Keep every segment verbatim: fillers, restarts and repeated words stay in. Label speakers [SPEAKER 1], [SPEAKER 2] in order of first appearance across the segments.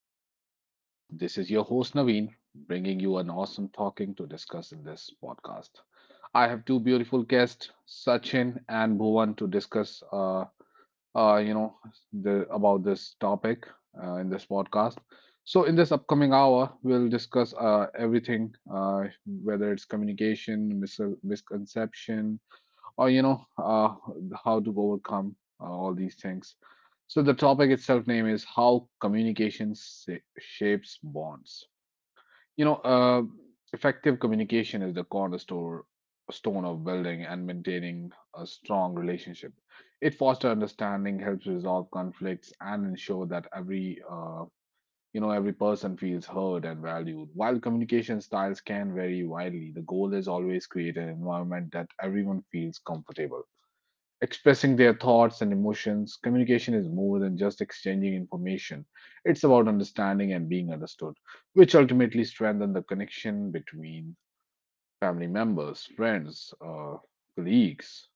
[SPEAKER 1] another podcast. This is your host, Naveen, bringing you an awesome talking to discuss in this podcast. I have two beautiful guests, Sachin and Bhuvan, to discuss, uh, uh, you know, the, about this topic uh, in this podcast. So, in this upcoming hour, we'll discuss uh, everything, uh, whether it's communication, mis- misconception, or you know, uh, how to overcome uh, all these things. So the topic itself name is how communication sa- shapes bonds. You know, uh, effective communication is the cornerstone stone of building and maintaining a strong relationship. It fosters understanding, helps resolve conflicts, and ensure that every uh, you know every person feels heard and valued. While communication styles can vary widely, the goal is always create an environment that everyone feels comfortable expressing their thoughts and emotions. Communication is more than just exchanging information, it's about understanding and being understood, which ultimately strengthen the connection between family members, friends, uh, colleagues,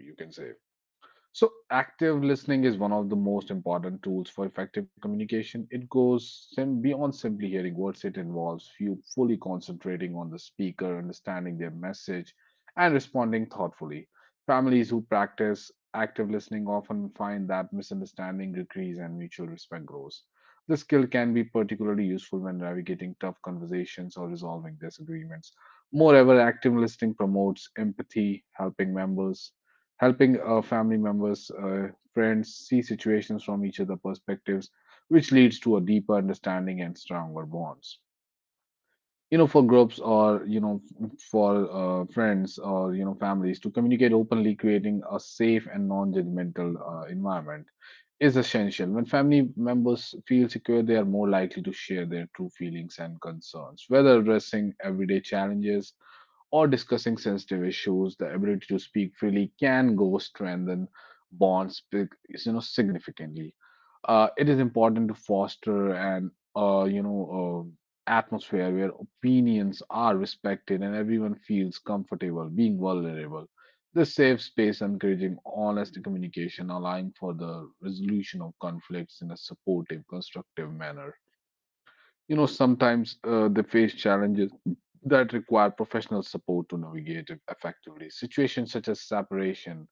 [SPEAKER 1] you can say. So, active listening is one of the most important tools for effective communication. It goes sim- beyond simply hearing words, it involves you fully concentrating on the speaker, understanding their message, and responding thoughtfully. Families who practice active listening often find that misunderstanding decreases and mutual respect grows. This skill can be particularly useful when navigating tough conversations or resolving disagreements. Moreover, active listening promotes empathy, helping members helping uh, family members, uh, friends see situations from each other's perspectives, which leads to a deeper understanding and stronger bonds. You know, for groups or you know, f- for uh, friends or you know, families to communicate openly, creating a safe and non-judgmental uh, environment is essential. When family members feel secure, they are more likely to share their true feelings and concerns, whether addressing everyday challenges or discussing sensitive issues, the ability to speak freely can go strengthen bonds big- you know significantly. Uh, it is important to foster an uh, you know uh, atmosphere where opinions are respected and everyone feels comfortable being vulnerable. This safe space encouraging honest communication, allowing for the resolution of conflicts in a supportive, constructive manner. You know, sometimes uh, they face challenges that require professional support to navigate it effectively. Situations such as separation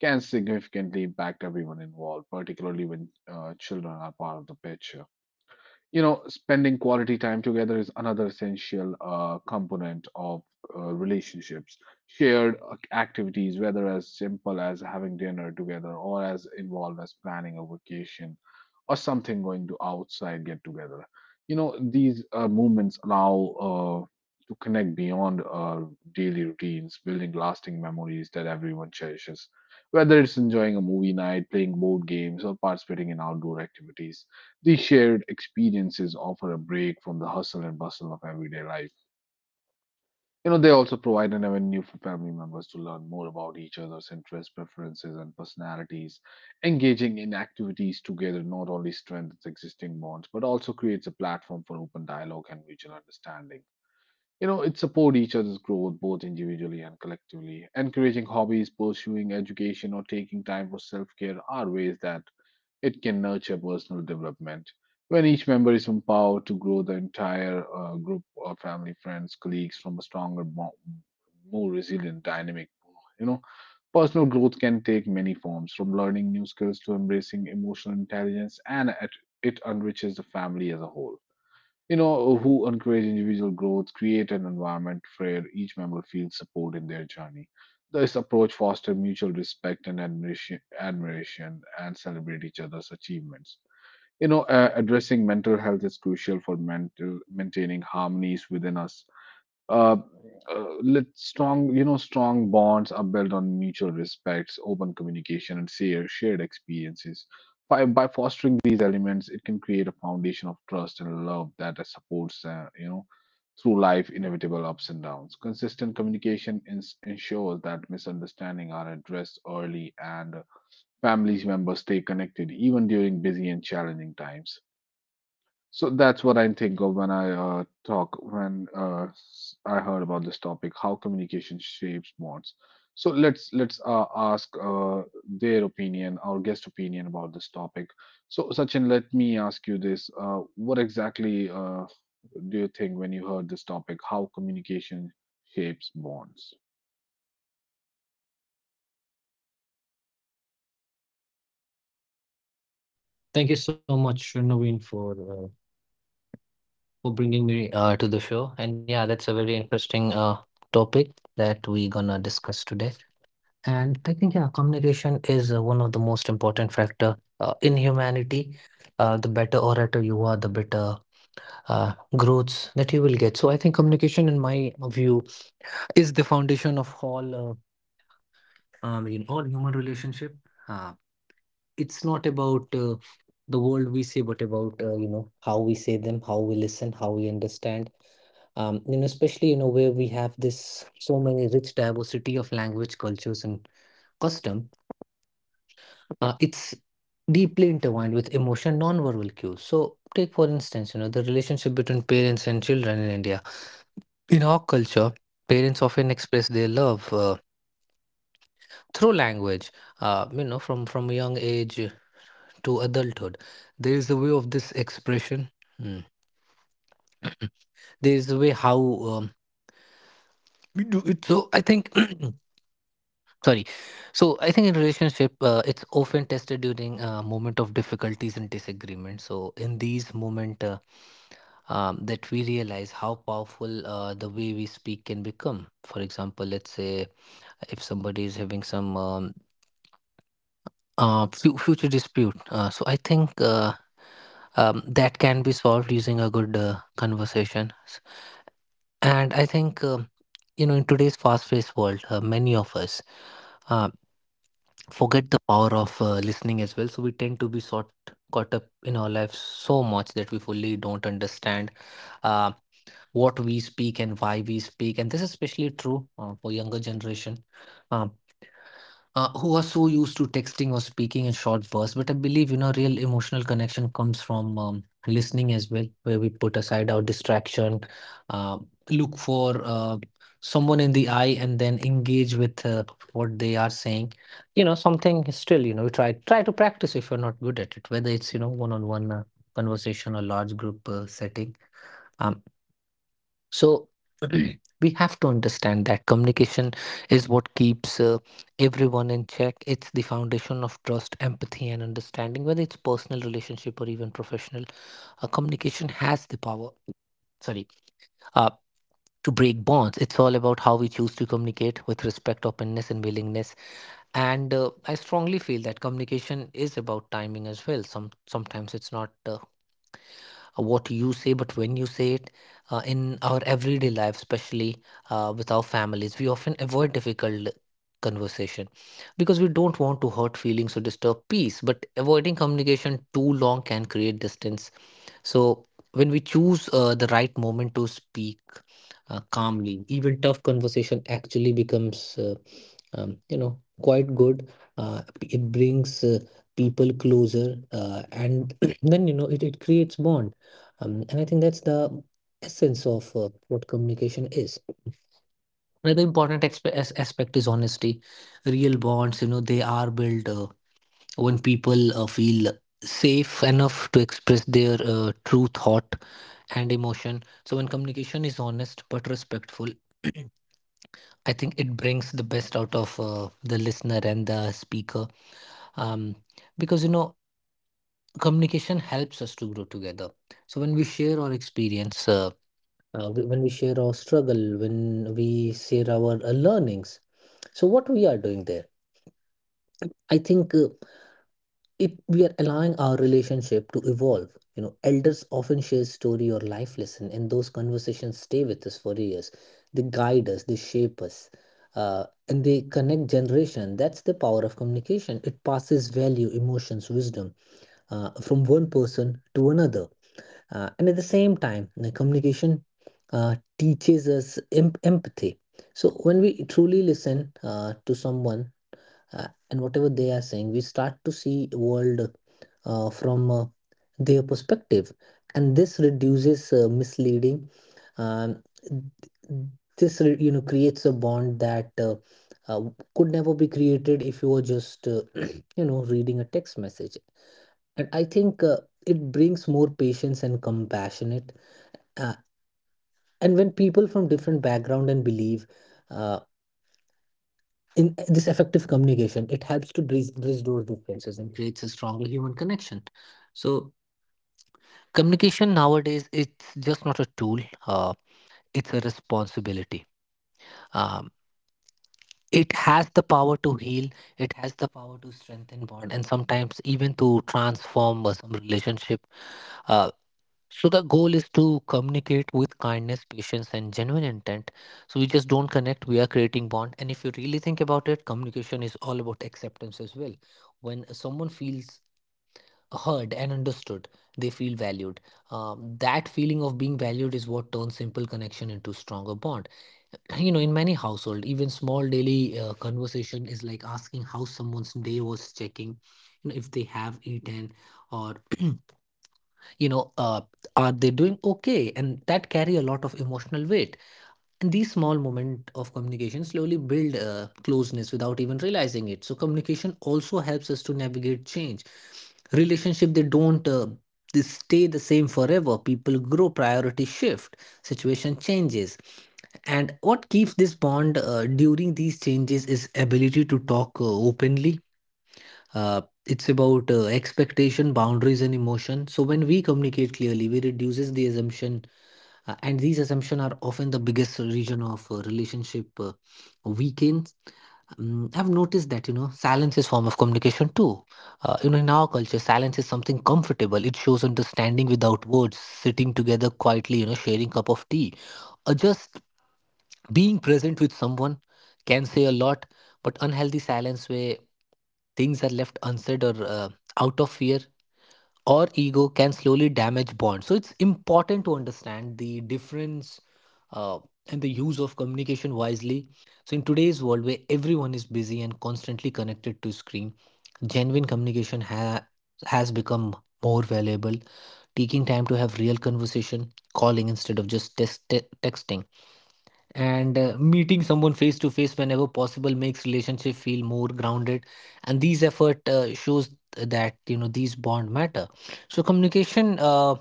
[SPEAKER 1] can significantly impact everyone involved, particularly when uh, children are part of the picture. You know, spending quality time together is another essential uh, component of uh, relationships. Shared ac- activities, whether as simple as having dinner together or as involved as planning a vacation, or something going to outside get together. You know, these uh, movements allow uh, to connect beyond uh, daily routines, building lasting memories that everyone cherishes. Whether it's enjoying a movie night, playing board games, or participating in outdoor activities, these shared experiences offer a break from the hustle and bustle of everyday life. You know, they also provide an avenue for family members to learn more about each other's interests, preferences, and personalities. Engaging in activities together not only strengthens existing bonds, but also creates a platform for open dialogue and mutual understanding. You know, it supports each other's growth both individually and collectively. Encouraging hobbies, pursuing education, or taking time for self care are ways that it can nurture personal development when each member is empowered to grow the entire uh, group of family, friends, colleagues from a stronger, more, more resilient, dynamic. You know, personal growth can take many forms, from learning new skills to embracing emotional intelligence, and it, it enriches the family as a whole you know, who encourage individual growth, create an environment where each member feels support in their journey. This approach fosters mutual respect and admiration, admiration and celebrate each other's achievements. You know, uh, addressing mental health is crucial for mental maintaining harmonies within us. Uh, uh, let strong you know strong bonds are built on mutual respects open communication and share, shared experiences by, by fostering these elements it can create a foundation of trust and love that uh, supports uh, you know through life inevitable ups and downs. Consistent communication ins- ensures that misunderstandings are addressed early and families members stay connected even during busy and challenging times. So that's what I think of when I uh, talk, when uh, s- I heard about this topic, how communication shapes bonds. So let's let's uh, ask uh, their opinion, our guest opinion about this topic. So Sachin, let me ask you this: uh, What exactly uh, do you think when you heard this topic? How communication shapes bonds?
[SPEAKER 2] Thank you so much, Naveen, for uh, for bringing me uh, to the show. And yeah, that's a very interesting uh, topic that we're gonna discuss today. And I think yeah, communication is uh, one of the most important factor uh, in humanity. Uh, the better orator you are, the better uh, growths that you will get. So I think communication, in my view, is the foundation of all uh, um, you know, all human relationship. Uh, it's not about uh, the world we say, but about uh, you know how we say them, how we listen, how we understand. Um, you know, especially you know where we have this so many rich diversity of language, cultures, and custom. Uh, it's deeply intertwined with emotion, nonverbal cues. So, take for instance, you know the relationship between parents and children in India. In our culture, parents often express their love uh, through language. Uh, you know, from from a young age to adulthood. There is a way of this expression. Hmm. There is a way how um, we do it. So I think, sorry. So I think in relationship, uh, it's often tested during a moment of difficulties and disagreement. So in these moment, uh, um, that we realize how powerful uh, the way we speak can become. For example, let's say if somebody is having some um, uh, fu- future dispute. Uh, so I think uh, um, that can be solved using a good uh, conversation. And I think um, you know, in today's fast-paced world, uh, many of us uh, forget the power of uh, listening as well. So we tend to be sort caught up in our lives so much that we fully don't understand uh, what we speak and why we speak. And this is especially true uh, for younger generation. Um, uh, who are so used to texting or speaking in short bursts. But I believe, you know, real emotional connection comes from um, listening as well, where we put aside our distraction, uh, look for uh, someone in the eye, and then engage with uh, what they are saying. You know, something is still, you know, try try to practice if you're not good at it, whether it's you know one-on-one uh, conversation or large group uh, setting. Um, so we have to understand that communication is what keeps uh, everyone in check. It's the foundation of trust, empathy, and understanding, whether it's personal relationship or even professional. Uh, communication has the power sorry, uh, to break bonds. It's all about how we choose to communicate with respect, openness, and willingness. And uh, I strongly feel that communication is about timing as well. Some sometimes it's not uh, uh, what you say, but when you say it uh, in our everyday life, especially uh, with our families, we often avoid difficult conversation because we don't want to hurt feelings or disturb peace. But avoiding communication too long can create distance. So when we choose uh, the right moment to speak uh, calmly, even tough conversation actually becomes uh, um, you know quite good uh, it brings uh, people closer uh, and then you know it, it creates bond um, and I think that's the essence of uh, what communication is. Another important expe- as- aspect is honesty. Real bonds, you know, they are built uh, when people uh, feel safe enough to express their uh, true thought and emotion. So when communication is honest but respectful, I think it brings the best out of uh, the listener and the speaker, um, because you know communication helps us to grow together. So when we share our experience, uh, uh, wh- when we share our struggle, when we share our uh, learnings, so what we are doing there, I think. Uh, it we are allowing our relationship to evolve. You know, elders often share story or life lesson, and those conversations stay with us for years. They guide us, they shape us, uh, and they connect generation. That's the power of communication. It passes value, emotions, wisdom, uh, from one person to another. Uh, and at the same time the communication uh, teaches us em- empathy. So when we truly listen uh, to someone, uh, and whatever they are saying, we start to see world uh, from uh, their perspective, and this reduces uh, misleading. um, th- this re- you know, creates a bond that uh, uh, could never be created if you were just uh, you know reading a text message. And I think uh, it brings more patience and compassionate, uh, and when people from different background and belief. In uh, this effective communication, it helps to bridge, bridge those differences and creates a stronger human connection. So, communication nowadays it's just not a tool; uh, it's a responsibility. Um, it has the power to heal. It has the power to strengthen bond, and sometimes even to transform uh, some relationship. Uh, So the goal is to communicate with kindness, patience, and genuine intent. So we just don't connect, we are creating bond. And if you really think about it, communication is all about acceptance as well. When someone feels heard and understood, they feel valued. Um, that feeling of being valued is what turns simple connection into stronger bond. You know, in many household, even small daily uh, conversation is like asking how someone's day was, checking, you know, if they have eaten or you know uh, are they doing okay, and that carry a lot of emotional weight. And these small moment of communication slowly build uh, closeness without even realizing it. So communication also helps us to navigate change. Relationship, they don't uh, they stay the same forever. People grow, priority shift, situation changes, and what keeps this bond uh, during these changes is ability to talk uh, openly. Uh, it's about uh, expectation, boundaries, and emotion. So when we communicate clearly, we reduces the assumption, uh, and these assumptions are often the biggest region of uh, relationship uh, weakens. Um, i've noticed that you know silence is form of communication too. Uh, you know, in our culture silence is something comfortable. It shows understanding without words, sitting together quietly, you know, sharing cup of tea, or just being present with someone, can say a lot. But unhealthy silence way things are left unsaid, or uh, out of fear or ego, can slowly damage bonds. So it's important to understand the difference, uh, and the use of communication wisely. So in today's world where everyone is busy and constantly connected to screen, genuine communication ha- has become more valuable. Taking time to have real conversation, calling instead of just text- te- texting, and uh, meeting someone face to face whenever possible makes relationship feel more grounded. And these effort uh, shows that you know these bond matter. So communication uh,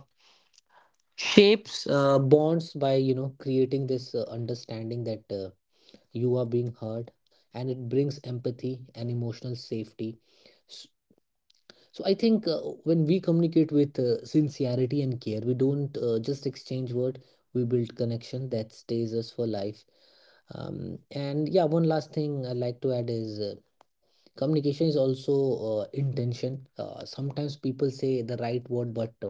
[SPEAKER 2] shapes uh, bonds by you know creating this uh, understanding that uh, you are being heard, and it brings empathy and emotional safety. So I think uh, when we communicate with uh, sincerity and care, we don't uh, just exchange word. We build connection that stays us for life. Um, and yeah, one last thing I like to add is uh, communication is also uh, intention. Uh, sometimes people say the right word, but uh,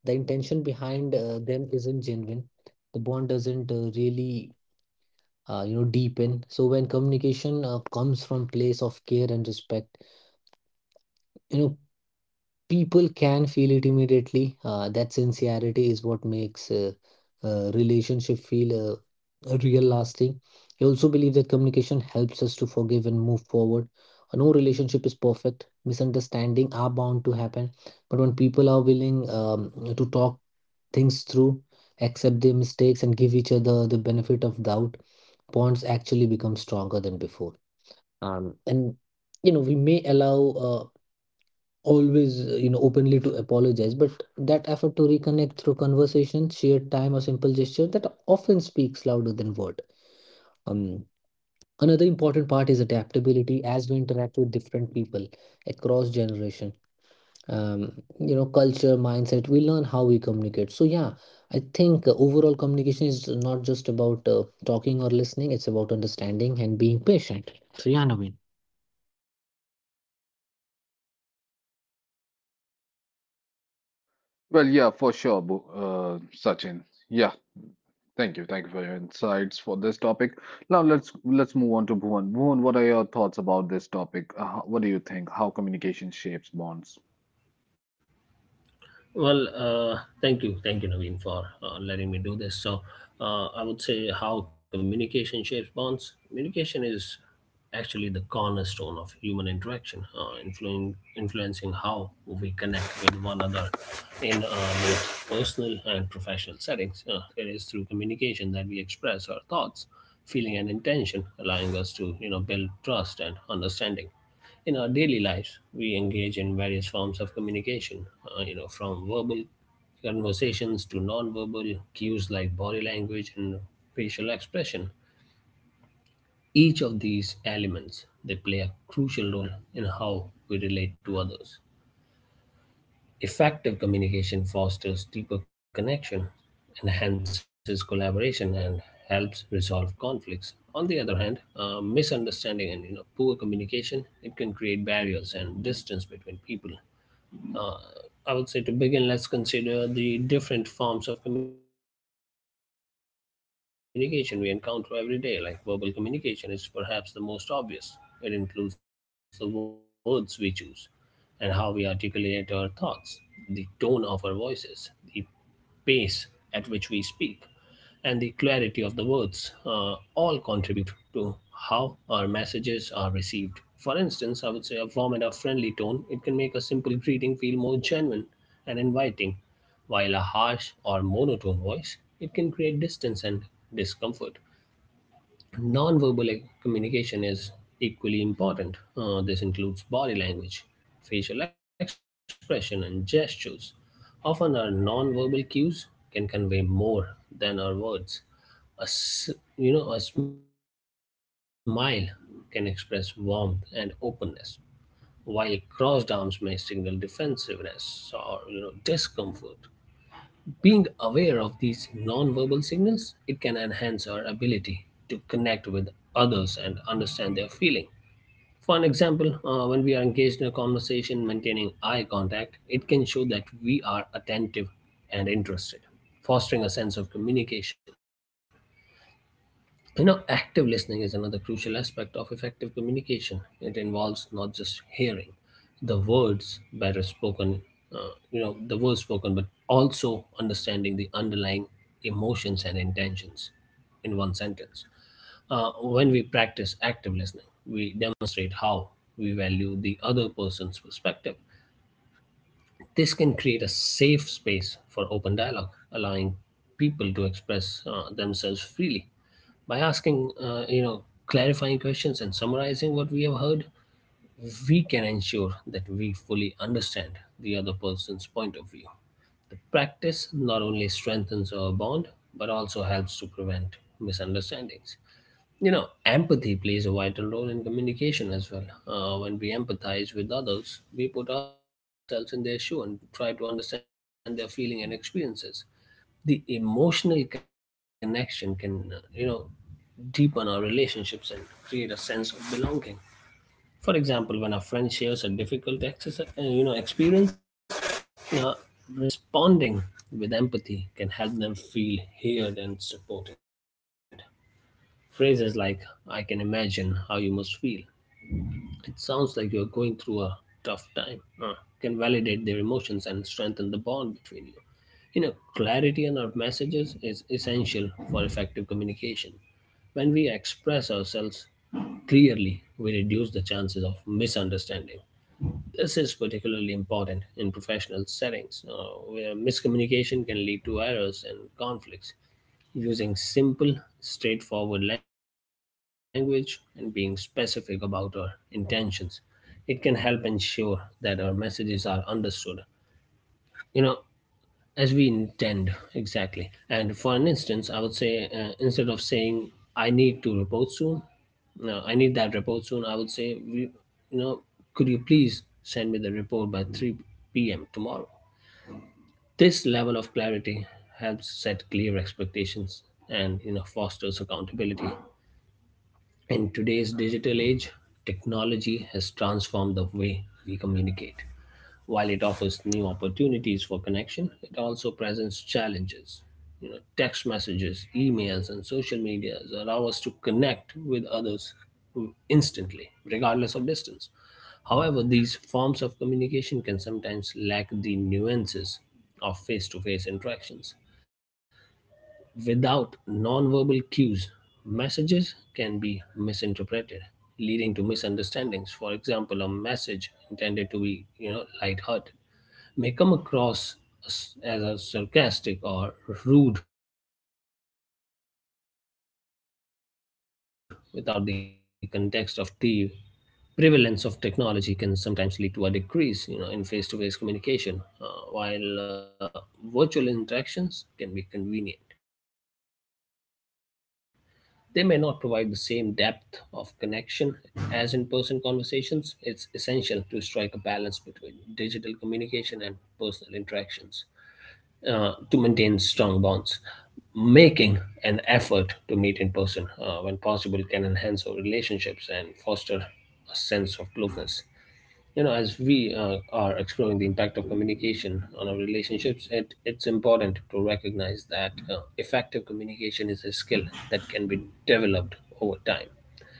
[SPEAKER 2] the intention behind uh, them isn't genuine. The bond doesn't uh, really uh, you know deepen. So when communication uh, comes from place of care and respect, you know people can feel it immediately. Uh, that sincerity is what makes a, a relationship feel uh, a real lasting. I also believe that communication helps us to forgive and move forward. Uh, No relationship is perfect. Misunderstanding are bound to happen, but when people are willing um, to talk things through, accept their mistakes, and give each other the benefit of doubt, bonds actually become stronger than before. Um, and you know, we may allow uh, always uh, you know openly to apologize, but that effort to reconnect through conversation, shared time, or simple gesture, that often speaks louder than word. um Another important part is adaptability. As we interact with different people across generation, um you know, culture, mindset, we learn how we communicate. So yeah, I think uh, overall communication is not just about uh, talking or listening. It's about understanding and being patient. So yeah, Naveen.
[SPEAKER 1] Well, yeah, for sure, Bo- uh, Sachin. Yeah, thank you. Thank you for your insights for this topic. Now let's let's move on to Bhuvan. Bhuvan, what are your thoughts about this topic? Uh, how- what do you think? How communication shapes bonds?
[SPEAKER 3] Well, uh, thank you, thank you, Naveen, for uh, letting me do this. So, uh, I would say how communication shapes bonds. Communication is actually the cornerstone of human interaction, uh, influencing influencing how we connect with one another in uh, both personal and professional settings. Uh, it is through communication that we express our thoughts, feeling, and intention, allowing us to you know build trust and understanding in our daily lives. We engage in various forms of communication, uh, you know from verbal conversations to non-verbal cues like body language and facial expression. Each of these elements, they play a crucial role in how we relate to others. Effective communication fosters deeper connection, enhances collaboration, and helps resolve conflicts. On the other hand, uh, misunderstanding and you know poor communication, it can create barriers and distance between people. Uh, I would say, to begin, let's consider the different forms of communication we encounter every day. Like, verbal communication is perhaps the most obvious. It includes the words we choose and how we articulate our thoughts, the tone of our voices, the pace at which we speak, and the clarity of the words, uh, all contribute to how our messages are received. For instance, I would say a warm and a friendly tone, it can make a simple greeting feel more genuine and inviting, while a harsh or monotone voice, it can create distance and discomfort. Nonverbal e- communication is equally important. Uh, this includes body language, facial expression, and gestures. Often, our non-verbal cues can convey more than our words. A, s- you know, a smile can express warmth and openness, while crossed arms may signal defensiveness or you know discomfort. Being aware of these nonverbal signals, it can enhance our ability to connect with others and understand their feeling. For an example, uh, when we are engaged in a conversation, maintaining eye contact, it can show that we are attentive and interested, fostering a sense of communication. You know, active listening is another crucial aspect of effective communication. It involves not just hearing the words better spoken, uh, you know, the words spoken, but also understanding the underlying emotions and intentions in one sentence. Uh, when we practice active listening, we demonstrate how we value the other person's perspective. This can create a safe space for open dialogue, allowing people to express uh, themselves freely. By asking uh, you know, clarifying questions and summarizing what we have heard, we can ensure that we fully understand the other person's point of view. The practice not only strengthens our bond, but also helps to prevent misunderstandings. You know, empathy plays a vital role in communication as well. Uh, when we empathize with others, we put ourselves in their shoe and try to understand their feeling and experiences. The emotional connection can uh, you know deepen our relationships and create a sense of belonging. For example, when a friend shares a difficult exercise uh, you know experience, uh, responding with empathy can help them feel heard and supported. Phrases like "I can imagine how you must feel," "It sounds like you're going through a tough time," uh, can validate their emotions and strengthen the bond between you. You know, clarity in our messages is essential for effective communication. When we express ourselves clearly, we reduce the chances of misunderstanding. This is particularly important in professional settings, uh, where miscommunication can lead to errors and conflicts. Using simple, straightforward language and being specific about our intentions, it can help ensure that our messages are understood. You know, as we intend exactly. And for an instance, I would say, uh, instead of saying, "I need to report soon," no, "I need that report soon," I would say, we, you know could you please send me the report by three p.m. tomorrow. This level of clarity helps set clear expectations and you know fosters accountability. In today's digital age, technology has transformed the way we communicate. While it offers new opportunities for connection, it also presents challenges. You know, text messages, emails, and social media allow us to connect with others instantly, regardless of distance. However, these forms of communication can sometimes lack the nuances of face to face interactions. Without nonverbal cues, messages can be misinterpreted, leading to misunderstandings. For example, a message intended to be, you know, lighthearted, may come across as as a sarcastic or rude without the context of tone and body language. Moreover, the prevalence of technology can sometimes lead to a decrease, you know, in face-to-face communication. uh, while uh, virtual interactions can be convenient, they may not provide the same depth of connection as in-person conversations. It's essential to strike a balance between digital communication and personal interactions, uh, to maintain strong bonds. Making an effort to meet in person, uh, when possible, can enhance our relationships and foster a sense of closeness. You know, as we uh, are exploring the impact of communication on our relationships, it, it's important to recognize that uh, effective communication is a skill that can be developed over time.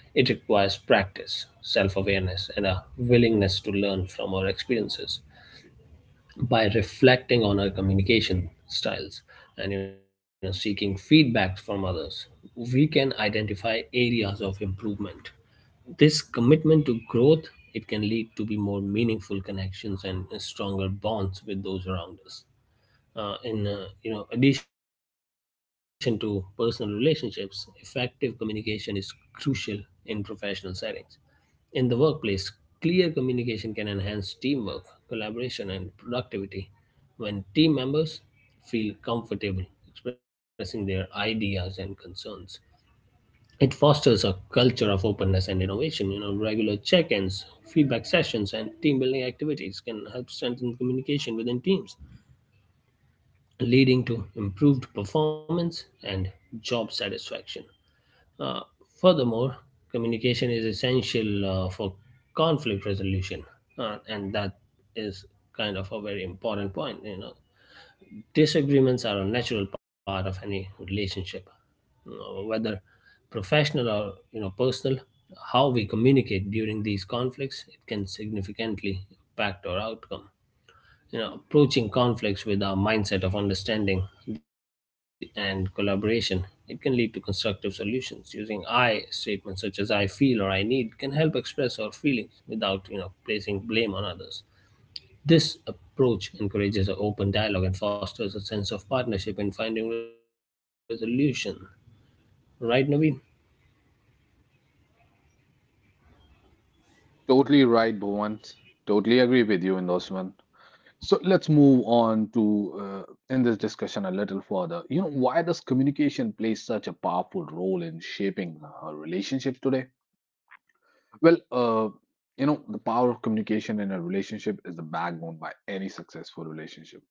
[SPEAKER 3] It requires practice, self awareness, and a willingness to learn from our experiences. By reflecting on our communication styles and you know seeking feedback from others, we can identify areas of improvement. This commitment to growth, it can lead to be more meaningful connections and stronger bonds with those around us. Uh, in uh, you know addition to personal relationships, effective communication is crucial in professional settings. In the workplace, clear communication can enhance teamwork, collaboration, and productivity. When team members feel comfortable expressing their ideas and concerns, it fosters a culture of openness and innovation. You know regular check-ins, feedback sessions, and team building activities can help strengthen communication within teams, leading to improved performance and job satisfaction. Uh, Furthermore, communication is essential uh, for conflict resolution, uh, and that is kind of a very important point. You know, disagreements are a natural part of any relationship, you know, whether professional or you know personal. How we communicate during these conflicts, it can significantly impact our outcome. You know approaching conflicts with a mindset of understanding th- and collaboration, it can lead to constructive solutions. Using I statements, such as "I feel" or "I need," can help express our feelings without you know placing blame on others. This approach encourages an open dialogue and fosters a sense of partnership in finding resolution. Right, Naveen?
[SPEAKER 1] Totally right, Bhuvan. Totally agree with you in those one. So let's move on to uh, in this discussion a little further. You know, why does communication play such a powerful role in shaping uh, relationships today? Well, uh, you know, the power of communication in a relationship is the backbone by any successful relationship.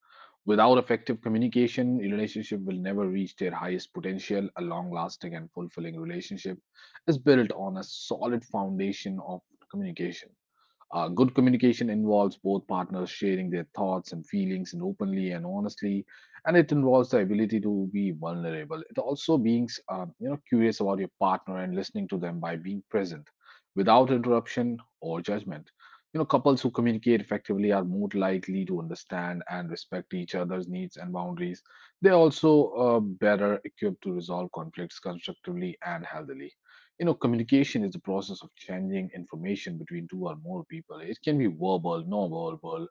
[SPEAKER 1] Without effective communication, a relationship will never reach their highest potential. A long lasting and fulfilling relationship is built on a solid foundation of communication. Uh, good communication involves both partners sharing their thoughts and feelings and openly and honestly, and it involves the ability to be vulnerable. It also being um, you know curious about your partner and listening to them by being present, without interruption or judgment. You know, couples who communicate effectively are more likely to understand and respect each other's needs and boundaries. They're also uh, better equipped to resolve conflicts constructively and healthily. You know, communication is the process of changing information between two or more people. It can be verbal, non-verbal,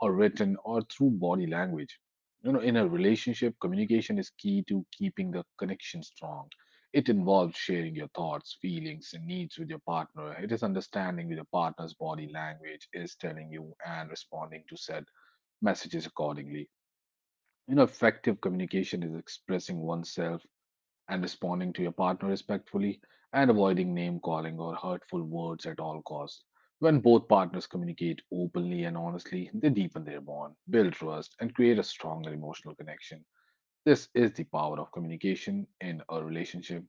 [SPEAKER 1] or written, or through body language. You know, in a relationship, communication is key to keeping the connection strong. It involves sharing your thoughts, feelings, and needs with your partner. It is understanding with your partner's body language is telling you and responding to said messages accordingly. You know, effective communication is expressing oneself and responding to your partner respectfully and avoiding name calling or hurtful words at all costs. When both partners communicate openly and honestly, they deepen their bond, build trust, and create a stronger emotional connection. This is the power of communication in a relationship.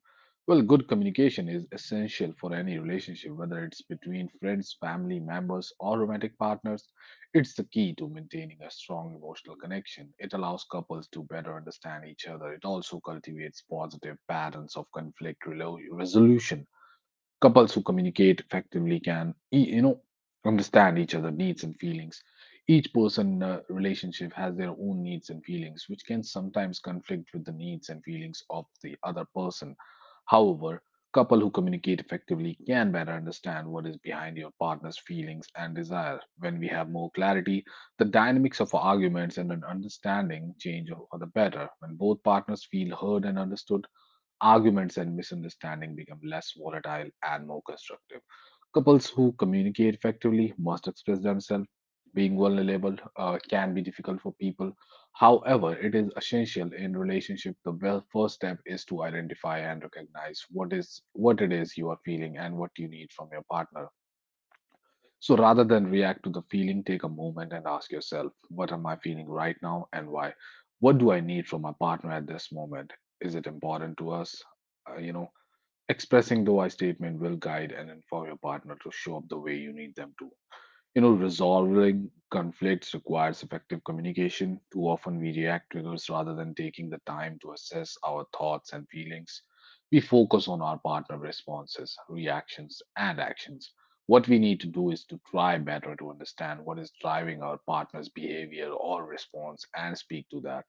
[SPEAKER 1] Well, good communication is essential for any relationship, whether it's between friends, family members, or romantic partners. It's the key to maintaining a strong emotional connection. It allows couples to better understand each other. It also cultivates positive patterns of conflict relo- resolution Couples who communicate effectively can, e- you know, understand each other' needs and feelings. Each person in a relationship has their own needs and feelings, which can sometimes conflict with the needs and feelings of the other person. However, couple who communicate effectively can better understand what is behind your partner's feelings and desire. When we have more clarity, the dynamics of arguments and an understanding change for the better. When both partners feel heard and understood, arguments and misunderstanding become less volatile and more constructive. Couples who communicate effectively must express themselves. Being vulnerable uh, can be difficult for people. However, it is essential in relationship. The wel- first step is to identify and recognize what is what it is you are feeling and what you need from your partner. So rather than react to the feeling, take a moment and ask yourself, what am I feeling right now and why? What do I need from my partner at this moment? Is it important to us? Uh, you know, Expressing the why statement will guide and inform your partner to show up the way you need them to. You know, resolving conflicts requires effective communication. Too often we react to triggers rather than taking the time to assess our thoughts and feelings. We focus on our partner responses, reactions, and actions. What we need to do is to try better to understand what is driving our partner's behavior or response and speak to that.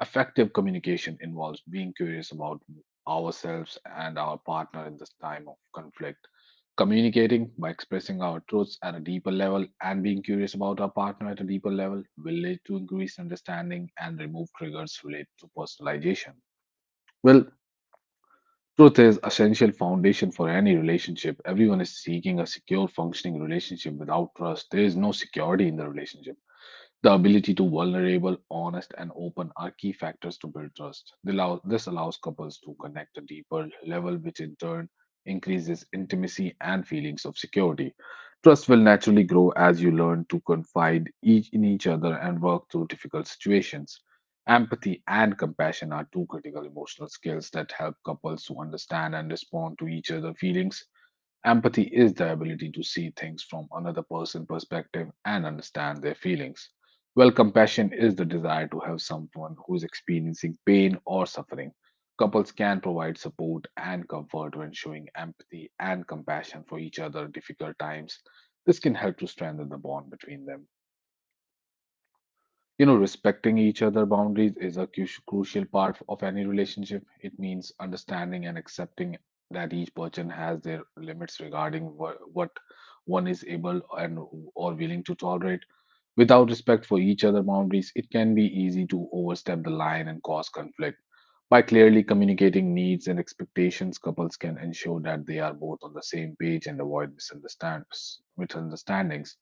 [SPEAKER 1] Effective communication involves being curious about ourselves and our partner in this time of conflict. Communicating by expressing our truths at a deeper level and being curious about our partner at a deeper level will lead to increased understanding and remove triggers related to personalization. Well, truth is essential foundation for any relationship. Everyone is seeking a secure functioning relationship. Without trust, there is no security in the relationship. The ability to vulnerable, honest, and open are key factors to build trust. They allow- This allows couples to connect a deeper level, which in turn increases intimacy and feelings of security. Trust will naturally grow as you learn to confide each in each other and work through difficult situations. Empathy and compassion are two critical emotional skills that help couples to understand and respond to each other's feelings. Empathy is the ability to see things from another person's perspective and understand their feelings, while compassion is the desire to help someone who is experiencing pain or suffering. Couples can provide support and comfort when showing empathy and compassion for each other in difficult times. This can help to strengthen the bond between them. You know, respecting each other' boundaries is a cru- crucial part of any relationship. It means understanding and accepting that each person has their limits regarding wh- what one is able and or willing to tolerate. Without respect for each other' boundaries, it can be easy to overstep the line and cause conflict. By clearly communicating needs and expectations, couples can ensure that they are both on the same page and avoid misunderstand- misunderstandings.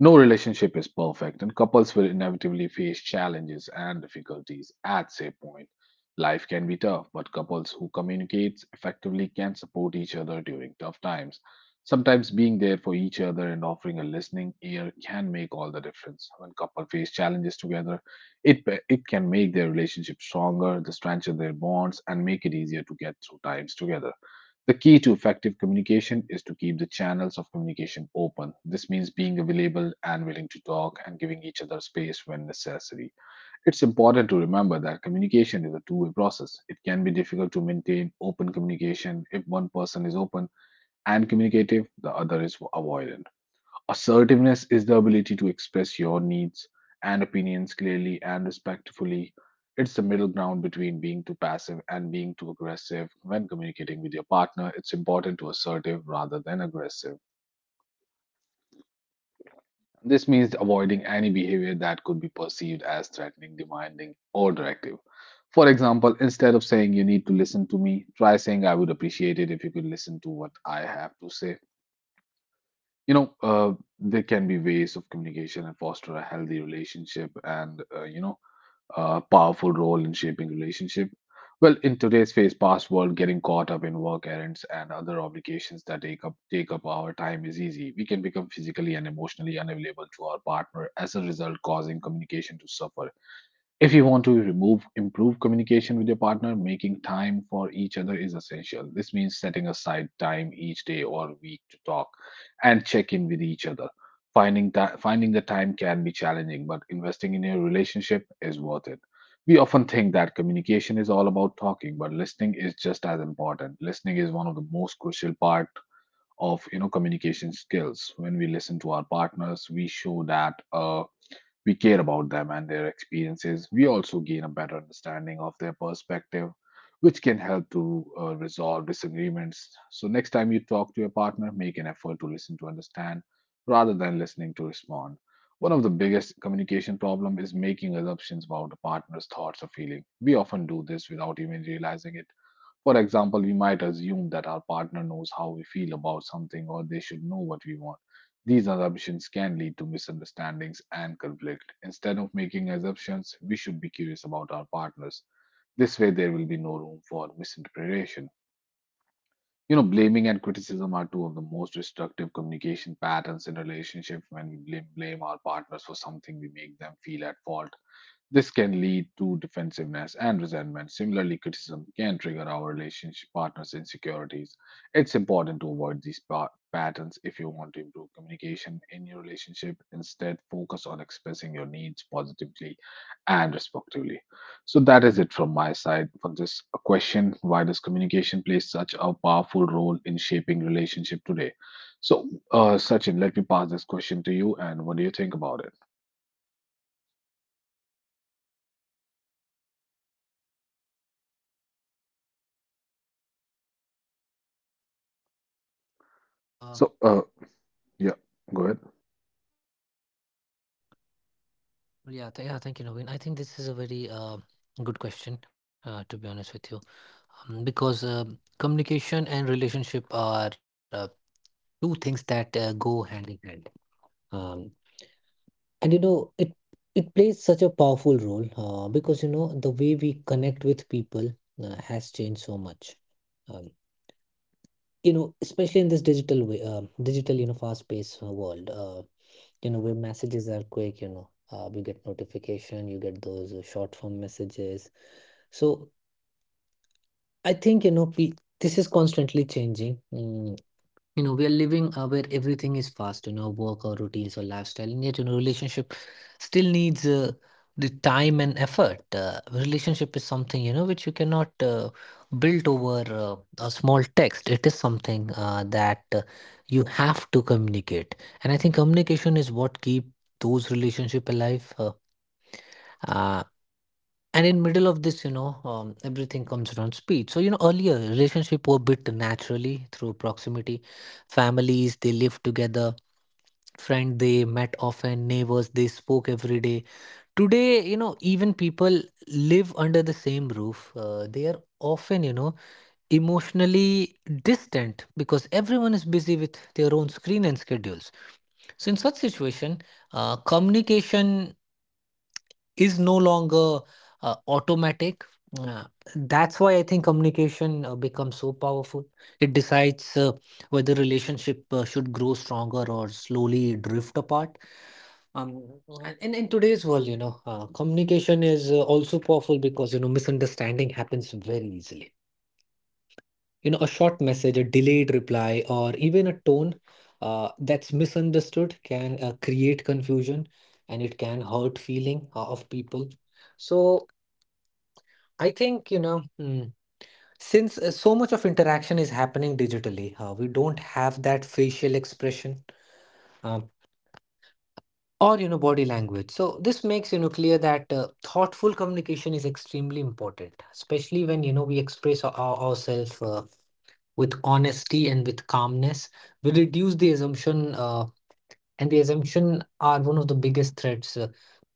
[SPEAKER 1] No relationship is perfect, and couples will inevitably face challenges and difficulties at say point. Life can be tough, but couples who communicate effectively can support each other during tough times. Sometimes being there for each other and offering a listening ear can make all the difference. When couples face challenges together, it it can make their relationship stronger, strengthen their bonds, and make it easier to get through times together. The key to effective communication is to keep the channels of communication open. This means being available and willing to talk and giving each other space when necessary. It's important to remember that communication is a two way process. It can be difficult to maintain open communication if one person is open and communicative, the other is avoidant. Assertiveness is the ability to express your needs and opinions clearly and respectfully. It's the middle ground between being too passive and being too aggressive when communicating with your partner. It's important to assertive rather than aggressive. This means avoiding any behavior that could be perceived as threatening, demanding, or directive. For example, instead of saying you need to listen to me, try saying I would appreciate it if you could listen to what I have to say. you know uh, there can be ways of communication and foster a healthy relationship and uh, you know a powerful role in shaping relationship. Well, in today's phase past world, getting caught up in work errands and other obligations that take up take up our time is easy. We can become physically and emotionally unavailable to our partner as a result, causing communication to suffer. If you want to remove improve communication with your partner, making time for each other is essential. This means setting aside time each day or week to talk and check in with each other. Finding ti- finding the time can be challenging, but investing in your relationship is worth it. We often think that communication is all about talking, but listening is just as important. Listening is one of the most crucial part of you know communication skills. When we listen to our partners, we show that. Uh, we care about them and their experiences. We also gain a better understanding of their perspective, which can help to uh, resolve disagreements. So, next time you talk to your partner, make an effort to listen to understand rather than listening to respond. One of the biggest communication problem is making assumptions about a partner's thoughts or feeling. We often do this without even realizing it. For example, we might assume that our partner knows how we feel about something or they should know what we want. These assumptions can lead to misunderstandings and conflict. Instead of making assumptions, we should be curious about our partners. This way, there will be no room for misinterpretation. You know, blaming and criticism are two of the most destructive communication patterns in relationships. When we blame, blame our partners for something, we make them feel at fault. This can lead to defensiveness and resentment. Similarly, criticism can trigger our relationship partner's insecurities. It's important to avoid these pa- patterns if you want to improve communication in your relationship. Instead, focus on expressing your needs positively and respectfully. So, that is it from my side for this question. Why does communication play such a powerful role in shaping relationship today? So, uh, Sachin, let me pass this question to you, and what do you think about it?
[SPEAKER 2] Well,
[SPEAKER 1] So, uh,
[SPEAKER 2] uh,
[SPEAKER 1] yeah, go ahead.
[SPEAKER 2] well, yeah, th- yeah, thank you, Naveen. I think this is a very uh, good question, uh, to be honest with you, um, because um communication and relationship are uh, two things that uh, go hand in hand. Um, and you know, it it plays such a powerful role uh, because you know the way we connect with people uh, has changed so much. Um, you know, especially in this digital way, um, digital, you know fast paced uh, world, uh, you know, where messages are quick, you know, uh, you get notification, you get those uh, short form messages. So I think, you know pe- this is constantly changing. Mm, you know, we are living, uh, where everything is fast, you know, work or routines or lifestyle, and yet, you know, relationship still needs uh, the time and effort. Uh, relationship is something, you know, which you cannot uh, build over uh, a small text. It is something uh, that uh, you have to communicate. And I think communication is what keep those relationship alive. uh, uh, and in middle of this, you know, um, everything comes around speed. So you know, earlier relationship were built naturally through proximity. Families they lived together, friend they met often, neighbors they spoke every day. Today, you know, even people live under the same roof, uh, they are often, you know, emotionally distant because everyone is busy with their own screen and schedules. So in such situation, uh, communication is no longer uh, automatic. Uh, that's why I think communication uh, becomes so powerful. It decides uh, whether relationship uh, should grow stronger or slowly drift apart. Um, and and in today's world, you know, uh, communication is uh, also powerful because, you know, misunderstanding happens very easily. You know, a short message, a delayed reply, or even a tone uh, that's misunderstood can uh, create confusion, and it can hurt feeling uh, of people. So I think, you know, mm, since uh, so much of interaction is happening digitally, uh, we don't have that facial expression, um, or, you know, body language. So this makes, you know, clear that uh, thoughtful communication is extremely important, especially when, you know, we express our, our- ourselves uh, with honesty and with calmness. We reduce the assumption, uh, and the assumption are one of the biggest threats uh,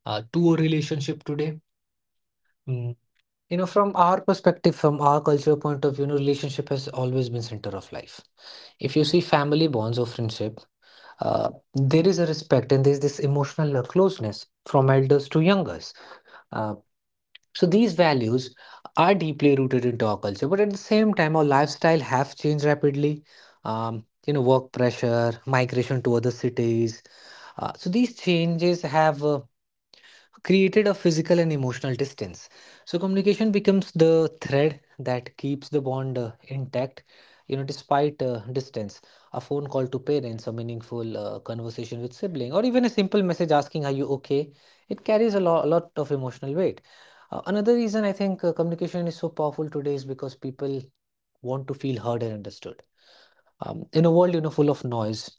[SPEAKER 2] uh, to a relationship today. Hmm, You know, from our perspective, from our culture point of view, you know, relationship has always been center of life. If you see family bonds or friendship, uh, there is a respect and there's this emotional uh, closeness from elders to youngers. Uh, so these values are deeply rooted into our culture, but at the same time, our lifestyle have changed rapidly. Um, you know, work pressure, migration to other cities. Uh, so these changes have uh, created a physical and emotional distance. So communication becomes the thread that keeps the bond uh, intact, you know, despite uh, distance. A phone call to parents, a meaningful uh, conversation with sibling, or even a simple message asking, "Are you okay?" It carries a, lo- a lot of emotional weight. Uh, another reason I think uh, communication is so powerful today is because people want to feel heard and understood. Um, in a world, you know, full of noise,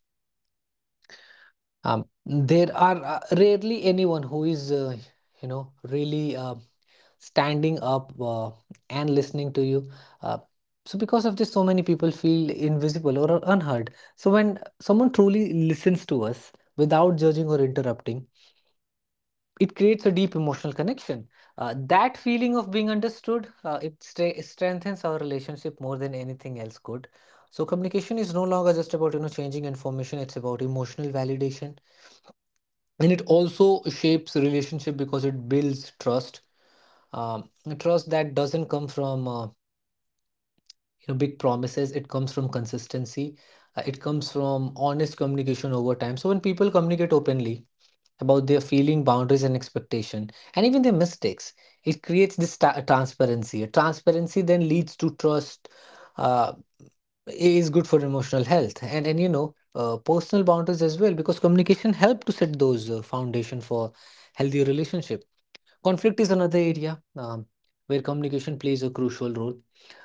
[SPEAKER 2] um, there are uh, rarely anyone who is, uh, you know, really. Uh, standing up uh, and listening to you. Uh, so, because of this, so many people feel invisible or unheard. So, when someone truly listens to us without judging or interrupting, it creates a deep emotional connection. Uh, that feeling of being understood, uh, it stra- strengthens our relationship more than anything else could. So, communication is no longer just about, you know, changing information; it's about emotional validation, and it also shapes relationship because it builds trust. Um, Trust that doesn't come from uh, you know, big promises. It comes from consistency. Uh, it comes from honest communication over time. So when people communicate openly about their feeling, boundaries and expectation, and even their mistakes, it creates this ta- transparency. A transparency then leads to trust, uh, is good for emotional health, and and you know, uh, personal boundaries as well, because communication help to set those uh, foundation for healthy relationship. Conflict is another area um, where communication plays a crucial role.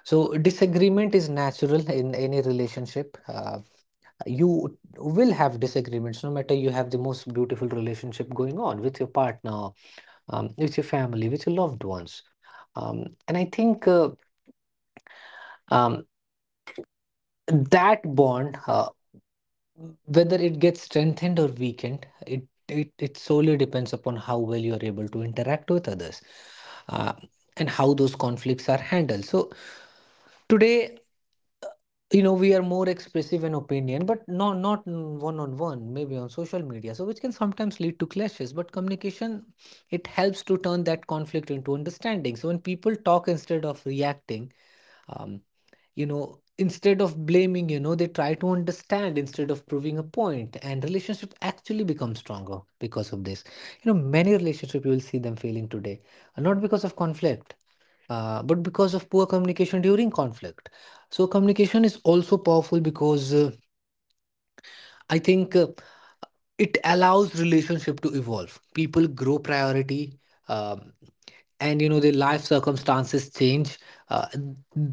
[SPEAKER 2] So, disagreement is natural in any relationship. Uh, you will have disagreements no matter you have the most beautiful relationship going on with your partner, um, with your family, with your loved ones. Um, and I think uh, um, that bond. Uh, Whether it gets strengthened or weakened, it it, it solely depends upon how well you're able to interact with others, uh, and how those conflicts are handled. So today, you know, we are more expressive in opinion, but no, not one on one, maybe on social media. So which can sometimes lead to clashes. But communication, it helps to turn that conflict into understanding. So when people talk instead of reacting, um, you know, instead of blaming, you know, they try to understand instead of proving a point. And relationship actually becomes stronger because of this. You know, many relationship you will see them failing today, uh, not because of conflict, uh, but because of poor communication during conflict. So communication is also powerful because, uh, I think uh, it allows relationship to evolve. People grow priority, um, and you know, their life circumstances change. uh,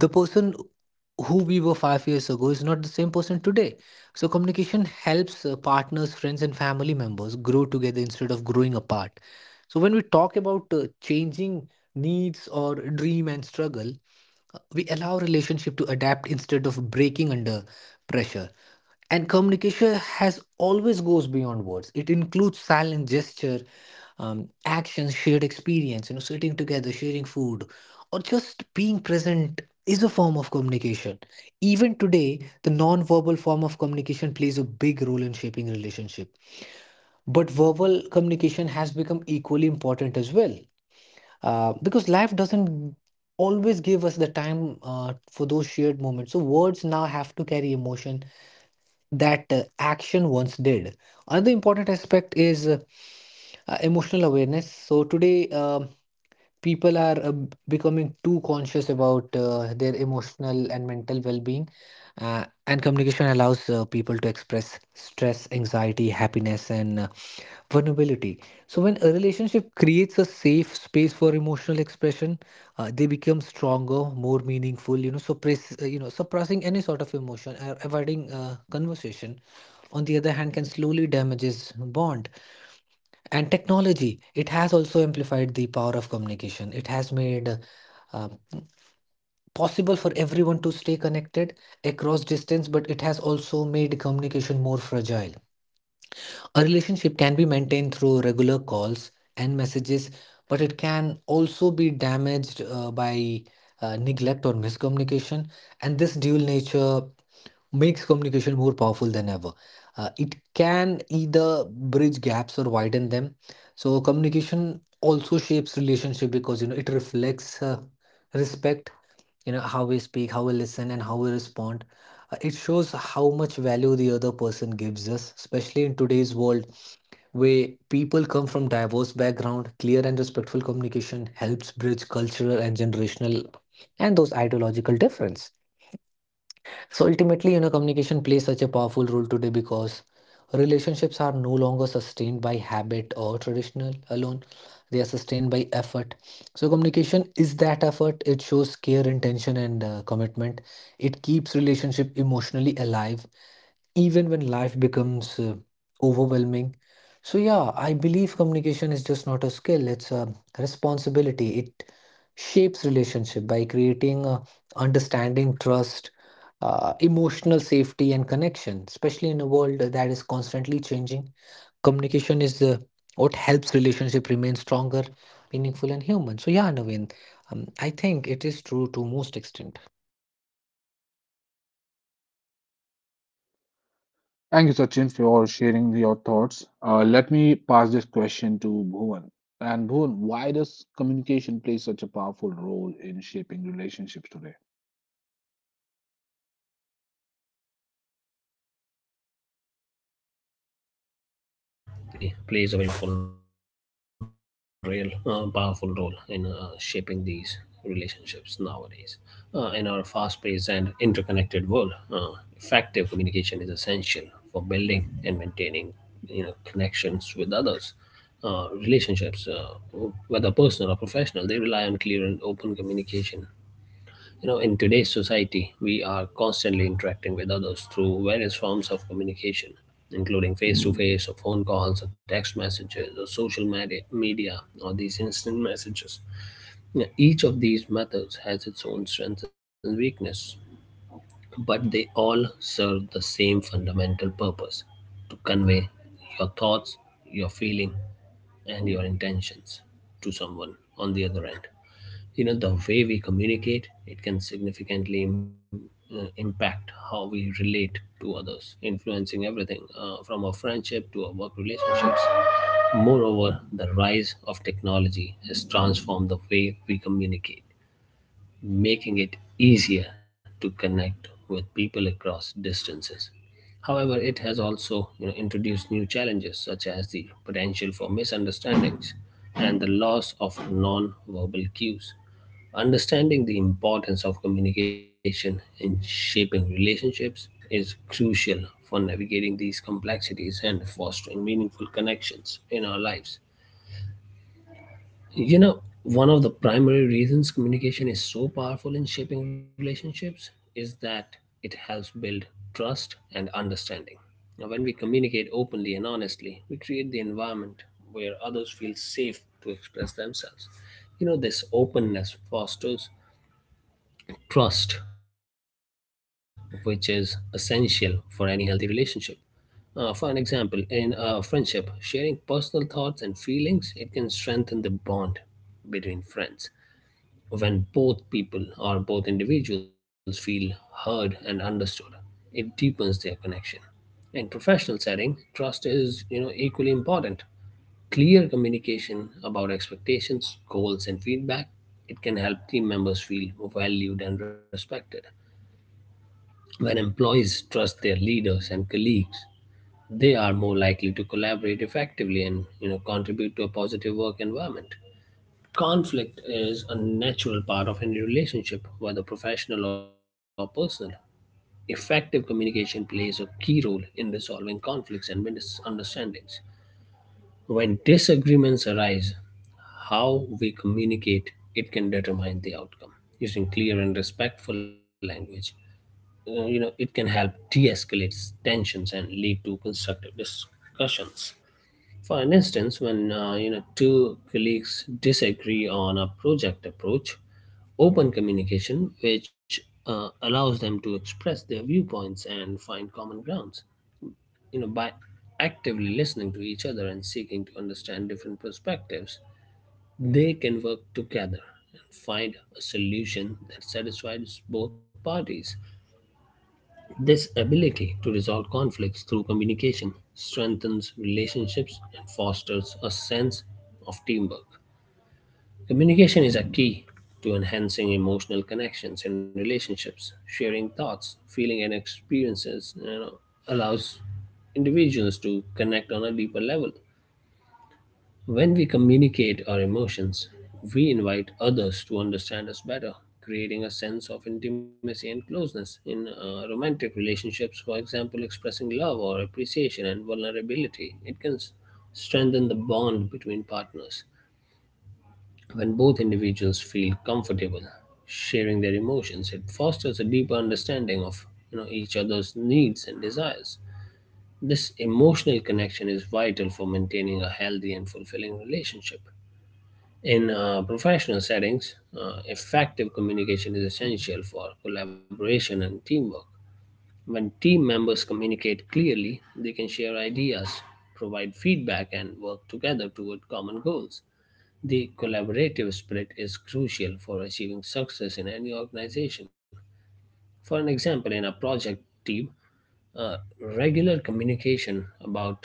[SPEAKER 2] the person who we were five years ago is not the same person today. So communication helps uh, partners, friends and family members grow together instead of growing apart. So when we talk about uh, changing needs or dream and struggle, we allow relationship to adapt instead of breaking under pressure. And communication has always goes beyond words. It includes silent gesture, um, actions, shared experience. You know, sitting together, sharing food, or just being present is a form of communication. Even today the non-verbal form of communication plays a big role in shaping relationship, but verbal communication has become equally important as well, uh, because life doesn't always give us the time uh, for those shared moments. So words now have to carry emotion that uh, action once did. Another important aspect is uh, uh, emotional awareness. So today, um people are uh, b- becoming too conscious about uh, their emotional and mental well-being, uh, and communication allows uh, people to express stress, anxiety, happiness, and uh, vulnerability. So when a relationship creates a safe space for emotional expression, uh, they become stronger, more meaningful. You know, suppress, uh, you know, suppressing any sort of emotion or avoiding uh, conversation, on the other hand, can slowly damages bond. And technology, it has also amplified the power of communication. It has made uh, uh, possible for everyone to stay connected across distance, but it has also made communication more fragile. A relationship can be maintained through regular calls and messages, but it can also be damaged uh, by uh, neglect or miscommunication. And this dual nature makes communication more powerful than ever. Uh, it can either bridge gaps or widen them. So communication also shapes relationship because, you know, it reflects uh, respect. You know, how we speak, how we listen, and how we respond. Uh, it shows how much value the other person gives us, especially in today's world where people come from diverse background. Clear and respectful communication helps bridge cultural and generational and those ideological difference. So ultimately, you know, communication plays such a powerful role today because relationships are no longer sustained by habit or traditional alone. They are sustained by effort. So communication is that effort. It shows care, intention, and uh, commitment. It keeps relationship emotionally alive even when life becomes uh, overwhelming. So, yeah, I believe communication is just not a skill, it's a responsibility. It shapes relationship by creating uh, understanding, trust, uh, emotional safety, and connection, especially in a world that is constantly changing. Communication is uh, what helps relationship remain stronger, meaningful, and human. So, yeah, Naveen, um, I think it is true to most extent.
[SPEAKER 1] Thank you, Sachin, for sharing your thoughts. Uh, let me pass this question to Bhuvan. And Bhuvan, why does communication play such a powerful role in shaping relationships today?
[SPEAKER 3] uh, Well, Naveen, I would say they actually plays a very powerful role, uh, powerful role in uh, shaping these relationships nowadays. Uh, in our fast-paced and interconnected world, uh, effective communication is essential for building and maintaining, you know, connections with others. Uh, relationships, uh, whether personal or professional, they rely on clear and open communication. You know, in today's society, we are constantly interacting with others through various forms of communication, including face to face, or phone calls, or text messages, or social medi- media, or these instant messages. Yeah, each of these methods has its own strengths and weakness, but they all serve the same fundamental purpose: to convey your thoughts, your feeling, and your intentions to someone on the other end. You know the way we communicate, it can significantly im- uh, impact how we relate to others, influencing everything, uh, from our friendship to our work relationships. Moreover, the rise of technology has transformed the way we communicate, making it easier to connect with people across distances. However, it has also, you know, introduced new challenges, such as the potential for misunderstandings and the loss of non-verbal cues. Understanding the importance of communication in shaping relationships is crucial for navigating these complexities and fostering meaningful connections in our lives. You know, one of the primary reasons communication is so powerful in shaping relationships is that it helps build trust and understanding. Now, when we communicate openly and honestly, we create the environment where others feel safe to express themselves. You know, this openness fosters trust, which is essential for any healthy relationship. Uh, for an example, in a friendship, sharing personal thoughts and feelings, it can strengthen the bond between friends. When both people or both individuals feel heard and understood, it deepens their connection. In professional setting, trust is, you know, equally important. Clear communication about expectations, goals, and feedback, it can help team members feel valued and respected. When employees trust their leaders and colleagues, they are more likely to collaborate effectively and you know contribute to a positive work environment. Conflict is a natural part of any relationship, whether professional or personal. Effective communication plays a key role in resolving conflicts and misunderstandings. When disagreements arise, how we communicate, it can determine the outcome. Using clear and respectful language, uh, you know, it can help de-escalate tensions and lead to constructive discussions. For an instance, when uh, you know two colleagues disagree on a project approach, open communication, which uh, allows them to express their viewpoints and find common grounds, you know by actively listening to each other and seeking to understand different perspectives, they can work together and find a solution that satisfies both parties. This ability to resolve conflicts through communication strengthens relationships and fosters a sense of teamwork. Communication is a key to enhancing emotional connections and relationships. Sharing thoughts, feeling, and experiences you know, allows individuals to connect on a deeper level. When we communicate our emotions, we invite others to understand us better, creating a sense of intimacy and closeness. In uh, romantic relationships, for example, expressing love or appreciation and vulnerability, it can s- strengthen the bond between partners. When both individuals feel comfortable sharing their emotions, it fosters a deeper understanding of you know, each other's needs and desires. This emotional connection is vital for maintaining a healthy and fulfilling relationship. In uh, professional settings, uh, effective communication is essential for collaboration and teamwork. When team members communicate clearly, they can share ideas, provide feedback, and work together toward common goals. The collaborative spirit is crucial for achieving success in any organization. For an example, in a project team, uh, regular communication about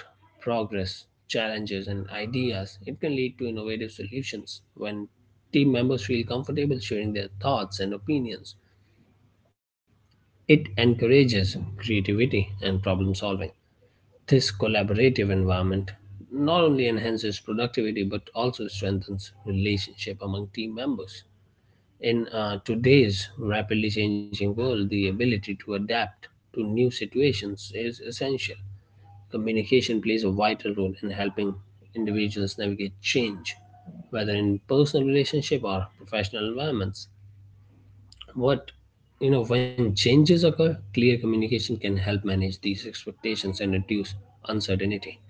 [SPEAKER 3] progress, challenges, and ideas. It can lead to innovative solutions when team members feel comfortable sharing their thoughts and opinions. It encourages creativity and problem solving. This collaborative environment not only enhances productivity but also strengthens relationship among team members. In uh, today's rapidly changing world, the ability to adapt to new situations is essential. Communication plays a vital role in helping individuals navigate change, whether in personal relationship or professional environments. What you know When changes occur, clear communication can help manage these expectations and reduce uncertainty.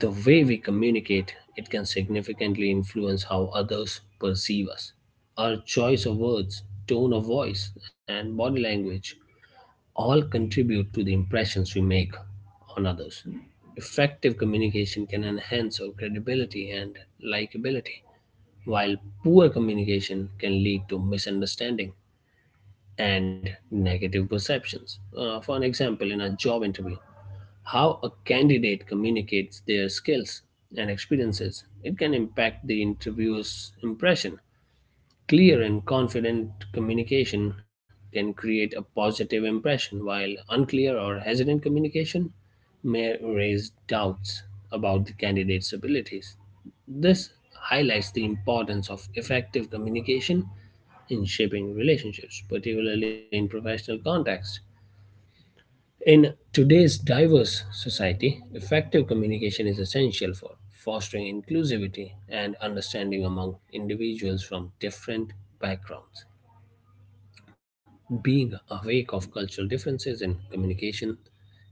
[SPEAKER 3] The way we communicate, it can significantly influence how others perceive us. Our choice of words, tone of voice, and body language all contribute to the impressions we make on others. Effective communication can enhance our credibility and likability, while poor communication can lead to misunderstanding and negative perceptions. Uh, for an example, in a job interview, how a candidate communicates their skills and experiences, it can impact the interviewer's impression. Clear and confident communication can create a positive impression, while unclear or hesitant communication may raise doubts about the candidate's abilities. This highlights the importance of effective communication in shaping relationships, particularly in professional contexts. In today's diverse society, effective communication is essential for fostering inclusivity and understanding among individuals from different backgrounds. Being awake of cultural differences in communication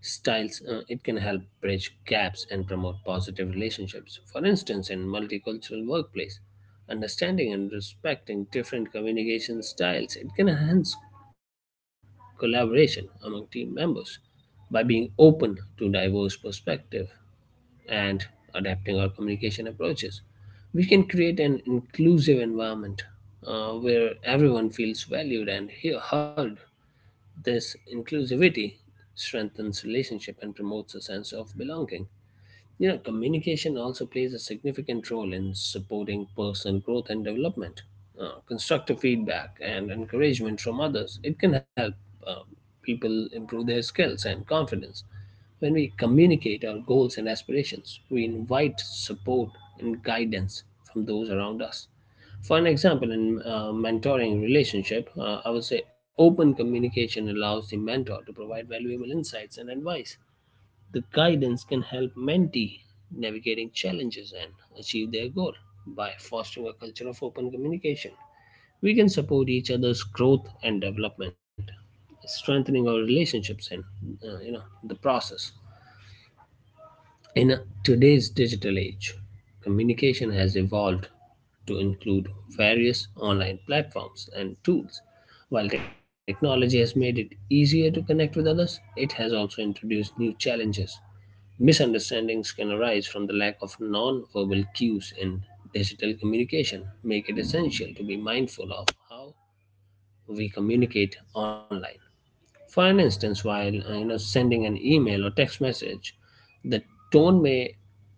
[SPEAKER 3] styles, uh, it can help bridge gaps and promote positive relationships. For instance, in multicultural workplace, understanding and respecting different communication styles, it can enhance collaboration among team members by being open to diverse perspective and adapting our communication approaches, we can create an inclusive environment, uh, where everyone feels valued and he- heard. This inclusivity strengthens relationship and promotes a sense of belonging. You know, communication also plays a significant role in supporting personal growth and development. Uh, constructive feedback and encouragement from others, it can help um, people improve their skills and confidence. When we communicate our goals and aspirations, we invite support and guidance from those around us. For an example, in uh, mentoring relationship, uh, I would say open communication allows the mentor to provide valuable insights and advice. The guidance can help mentee navigating challenges and achieve their goal by fostering a culture of open communication. We can support each other's growth and development, strengthening our relationships and uh, you know the process. In today's digital age, communication has evolved to include various online platforms and tools. While technology has made it easier to connect with others, it has also introduced new challenges. Misunderstandings can arise from the lack of non verbal cues in digital communication, make it essential to be mindful of how we communicate online. For an instance, while uh, you know sending an email or text message, the tone may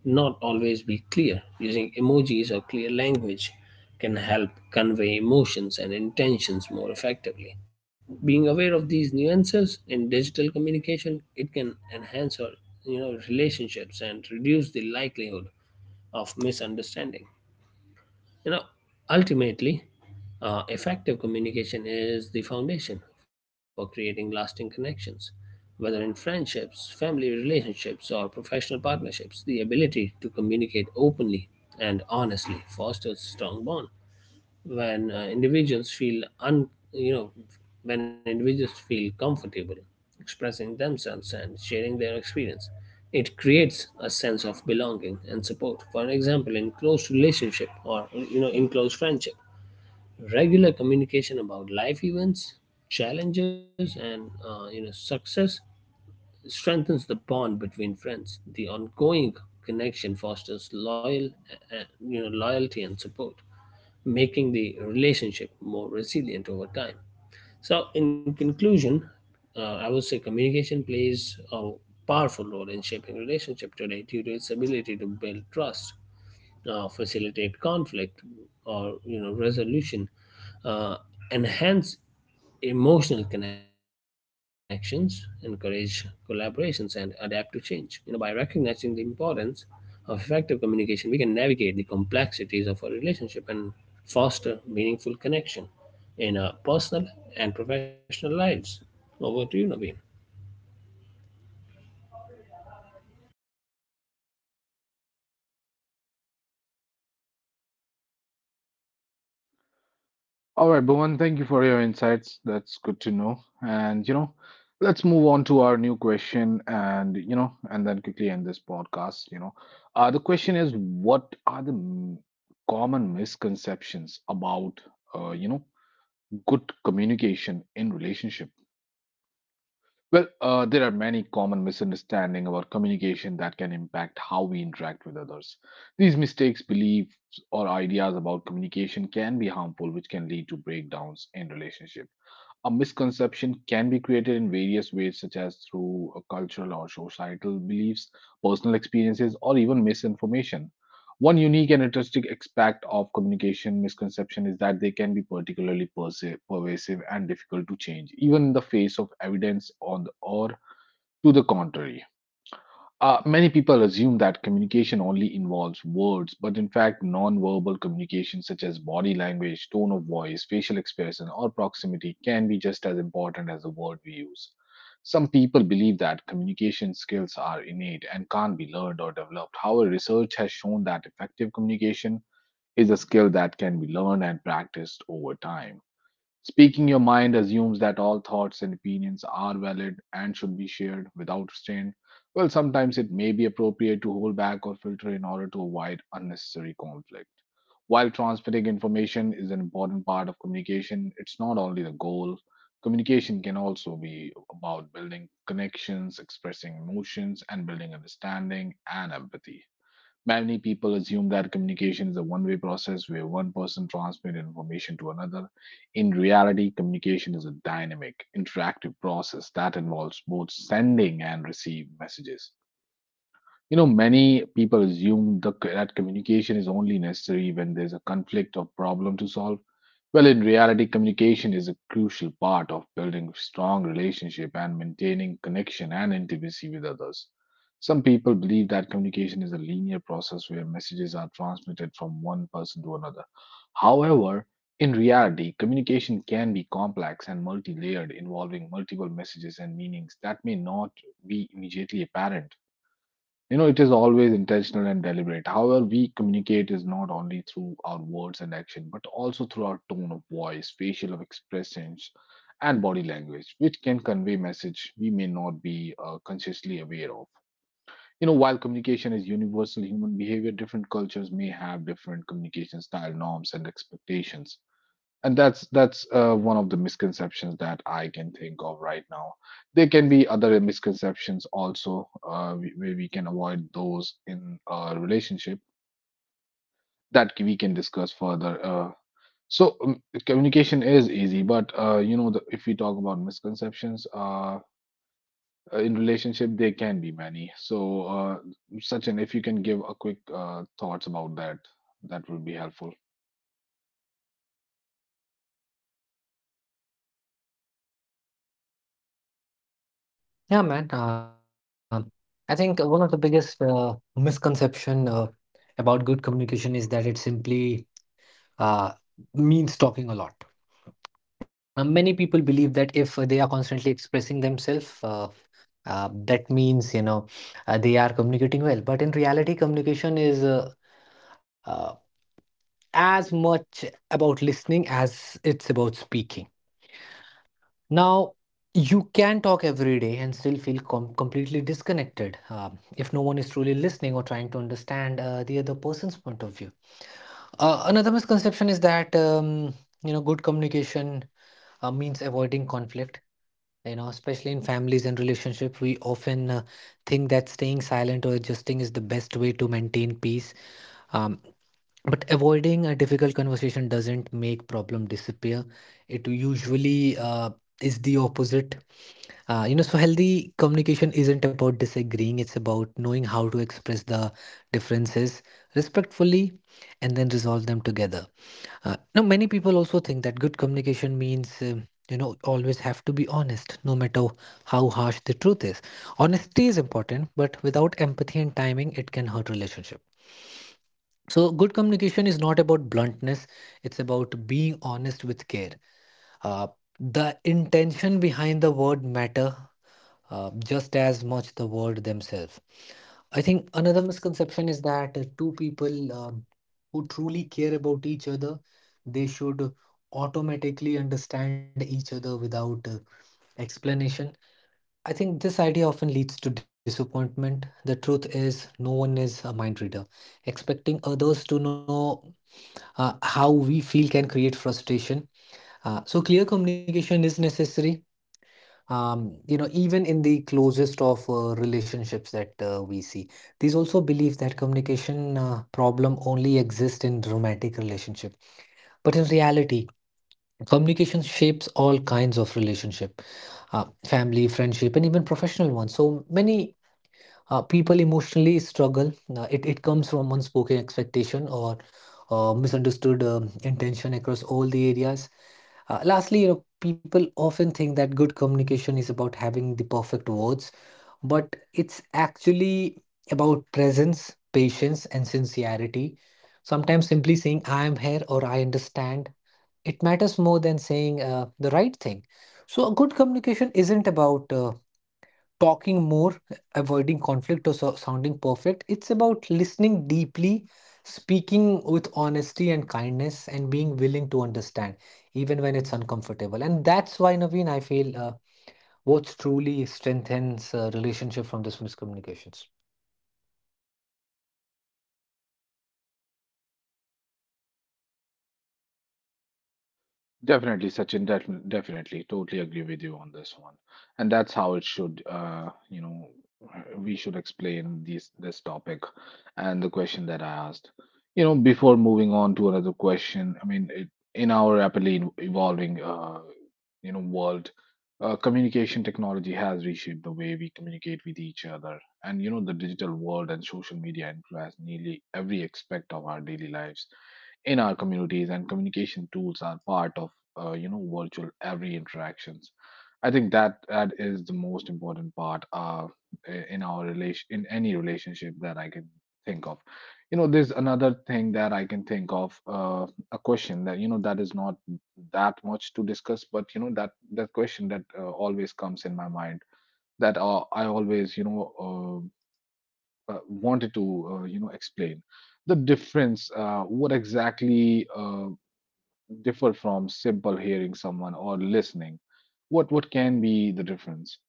[SPEAKER 3] not always be clear. Using emojis or clear language can help convey emotions and intentions more effectively. Being aware of these nuances in digital communication, it can enhance our you know relationships and reduce the likelihood of misunderstanding. You know, Ultimately, uh, effective communication is the foundation for creating lasting connections. Whether in friendships, family relationships, or professional partnerships, the ability to communicate openly and honestly fosters strong bonds. When uh, individuals feel un you know when individuals feel comfortable expressing themselves and sharing their experience, it creates a sense of belonging and support. For example, in close relationship, or you know in close friendship, regular communication about life events, challenges, and uh, you know success strengthens the bond between friends. The ongoing connection fosters loyal, uh, you know, loyalty and support, making the relationship more resilient over time. So, in conclusion, uh, I would say communication plays a powerful role in shaping relationship today due to its ability to build trust, uh, facilitate conflict, or you know resolution, uh, enhance emotional connections, encourage collaborations, and adapt to change. You know, by recognizing the importance of effective communication, we can navigate the complexities of a relationship and foster meaningful connection in our personal and professional lives. Over to you, Naveen.
[SPEAKER 1] All right, Bhuvan, thank you for your insights. That's good to know. And, you know, let's move on to our new question and, you know, and then quickly end this podcast. You know, uh, the question is, what are the m- common misconceptions about, uh, you know, good communication in relationship? Well, uh, there are many common misunderstandings about communication that can impact how we interact with others. These mistakes, beliefs, or ideas about communication can be harmful, which can lead to breakdowns in relationships. A misconception can be created in various ways, such as through uh, cultural or societal beliefs, personal experiences, or even misinformation. One unique and interesting aspect of communication misconception is that they can be particularly perse- pervasive and difficult to change, even in the face of evidence on the, or to the contrary. Uh, many people assume that communication only involves words, but in fact, nonverbal communication such as body language, tone of voice, facial expression, or proximity can be just as important as the word we use. Some people believe that communication skills are innate and can't be learned or developed. However, research has shown that effective communication is a skill that can be learned and practiced over time. Speaking your mind assumes that all thoughts and opinions are valid and should be shared without restraint. Well, sometimes it may be appropriate to hold back or filter in order to avoid unnecessary conflict. While transmitting information is an important part of communication, it's not only the goal. Communication can also be about building connections, expressing emotions, and building understanding and empathy. Many people assume that communication is a one way process where one person transmits information to another. In reality, communication is a dynamic, interactive process that involves both sending and receiving messages. You know, many people assume the, that communication is only necessary when there's a conflict or problem to solve. Well, in reality, communication is a crucial part of building strong relationship and maintaining connection and intimacy with others. Some people believe that communication is a linear process where messages are transmitted from one person to another. However, in reality, communication can be complex and multi layered, involving multiple messages and meanings that may not be immediately apparent. You know, it is always intentional and deliberate. However, we communicate is not only through our words and action, but also through our tone of voice, facial expressions, and body language, which can convey message we may not be uh, consciously aware of. You know, while communication is universal human behavior, different cultures may have different communication style norms and expectations, and that's that's uh, one of the misconceptions that I can think of right now. There can be other misconceptions also, uh, we- where we can avoid those in a relationship that we can discuss further. Uh, so um, communication is easy, but uh, you know the, if we talk about misconceptions uh, in relationship, there can be many. So, uh, Sachin, if you can give a quick uh, thoughts about that, that would be helpful.
[SPEAKER 2] Yeah, man. Uh, I think one of the biggest uh, misconception uh, about good communication is that it simply uh, means talking a lot. Uh, many people believe that if they are constantly expressing themselves, uh, uh, that means, you know, uh, they are communicating well. But in reality, communication is uh, uh, as much about listening as it's about speaking. Now, you can talk every day and still feel com- completely disconnected, um, if no one is truly listening or trying to understand uh, the other person's point of view. Uh, another misconception is that, um, you know, good communication uh, means avoiding conflict. You know, especially in families and relationships, we often uh, think that staying silent or adjusting is the best way to maintain peace. Um, but avoiding a difficult conversation doesn't make problem disappear. It usually uh, is the opposite, uh, you know, so healthy communication isn't about disagreeing, it's about knowing how to express the differences respectfully and then resolve them together. Uh, now, many people also think that good communication means, um, you know, always have to be honest, no matter how harsh the truth is. Honesty is important, but without empathy and timing, it can hurt relationship. So, good communication is not about bluntness, it's about being honest with care. Uh, the intention behind the word matter uh, just as much the word themselves. I think another misconception is that uh, two people, um, who truly care about each other, they should automatically understand each other without uh, explanation. I think this idea often leads to disappointment. The truth is, no one is a mind reader. Expecting others to know uh, how we feel can create frustration. Uh, so, clear communication is necessary, um, you know, even in the closest of uh, relationships that uh, we see, these also believe that communication uh, problem only exist in romantic relationship. But in reality, communication shapes all kinds of relationship, uh, family, friendship, and even professional ones. So many uh, people emotionally struggle. Uh, it, it comes from unspoken expectation or uh, misunderstood um, intention across all the areas. Uh, lastly, you know, people often think that good communication is about having the perfect words, but it's actually about presence, patience, and sincerity. Sometimes simply saying, "I am here" or "I understand," it matters more than saying uh, the right thing. So, a good communication isn't about uh, talking more, avoiding conflict, or so sounding perfect. It's about listening deeply, speaking with honesty and kindness, and being willing to understand, even when it's uncomfortable. And that's why, Naveen, I feel uh, what's truly strengthens uh, relationship from these miscommunications.
[SPEAKER 1] Definitely, Sachin, def- definitely, totally agree with you on this one. And that's how it should, uh, you know, we should explain this this topic and the question that I asked. You know, before moving on to another question, I mean, it, in our rapidly ev- evolving, uh, you know, world, uh, communication technology has reshaped the way we communicate with each other. And, you know, the digital world and social media influence nearly every aspect of our daily lives in our communities, and communication tools are part of uh, you know virtual every interactions. I think that that is the most important part uh, in our relation in any relationship that I can think of. You know, there's another thing that I can think of, uh, a question that you know that is not that much to discuss, but you know, that that question that uh, always comes in my mind, that uh, I always you know uh, uh, wanted to uh, you know explain the difference. Uh, what exactly uh, differ from simple hearing someone or listening? What what can be the difference?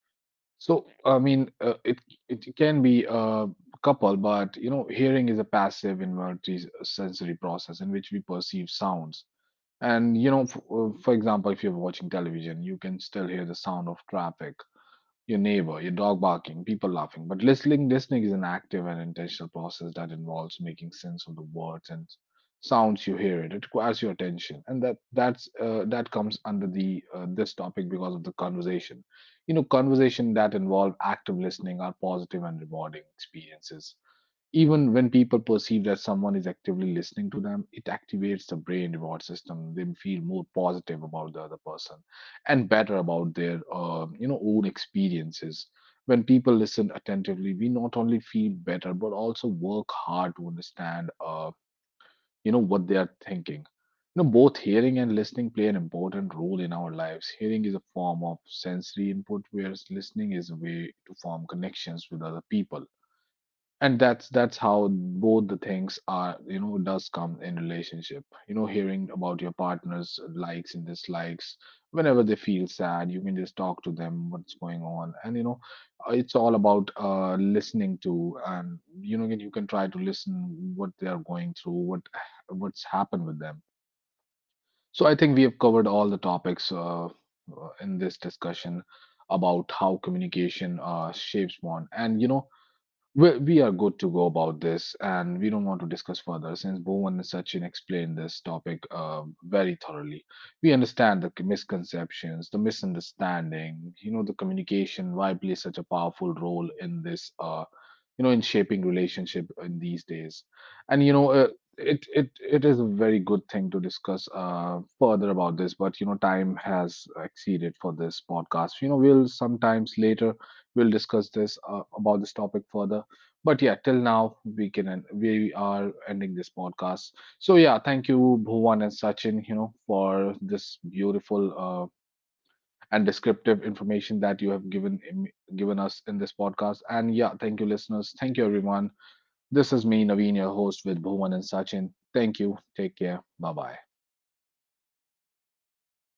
[SPEAKER 1] So I mean, uh, it it can be a couple, but you know, hearing is a passive involuntary sensory process in which we perceive sounds. And you know, f- uh, for example, if you're watching television, you can still hear the sound of traffic, your neighbor, your dog barking, people laughing. But listening, listening is an active and intentional process that involves making sense of the words and sounds you hear. It it requires your attention, and that that's uh, that comes under the uh, this topic because of the conversation. You know, conversation that involve active listening are positive and rewarding experiences. Even when people perceive that someone is actively listening to them, it activates the brain reward system. They feel more positive about the other person and better about their, uh, you know, own experiences. When people listen attentively, we not only feel better but also work hard to understand, uh, you know, what they are thinking. You know, both hearing and listening play an important role in our lives. Hearing is a form of sensory input, whereas listening is a way to form connections with other people. And that's that's how both the things are, you know, does come in relationship. You know, hearing about your partner's likes and dislikes, whenever they feel sad, you can just talk to them, what's going on. And you know, uh, it's all about uh listening to. And you know, you can try to listen, what they are going through, what what's happened with them. So I think we have covered all the topics uh, uh, in this discussion about how communication uh, shapes bond. And you know, we, we are good to go about this, and we don't want to discuss further since Bhuvan and Sachin explained this topic uh, very thoroughly. We understand the misconceptions, the misunderstanding, you know, the communication, why plays such a powerful role in this, uh, you know in shaping relationship in these days. And you know, uh, it it it is a very good thing to discuss uh, further about this, but you know, time has exceeded for this podcast. You know, we'll sometimes later we'll discuss this uh, about this topic further. But yeah, till now we can end. We are ending this podcast. So yeah, thank you, Bhuvan and Sachin, you know for this beautiful uh, and descriptive information that you have given given us in this podcast. And yeah, thank you, listeners. Thank you, everyone. This is me, Naveen, your host with Bhuvan and Sachin. Thank you. Take care. Bye bye.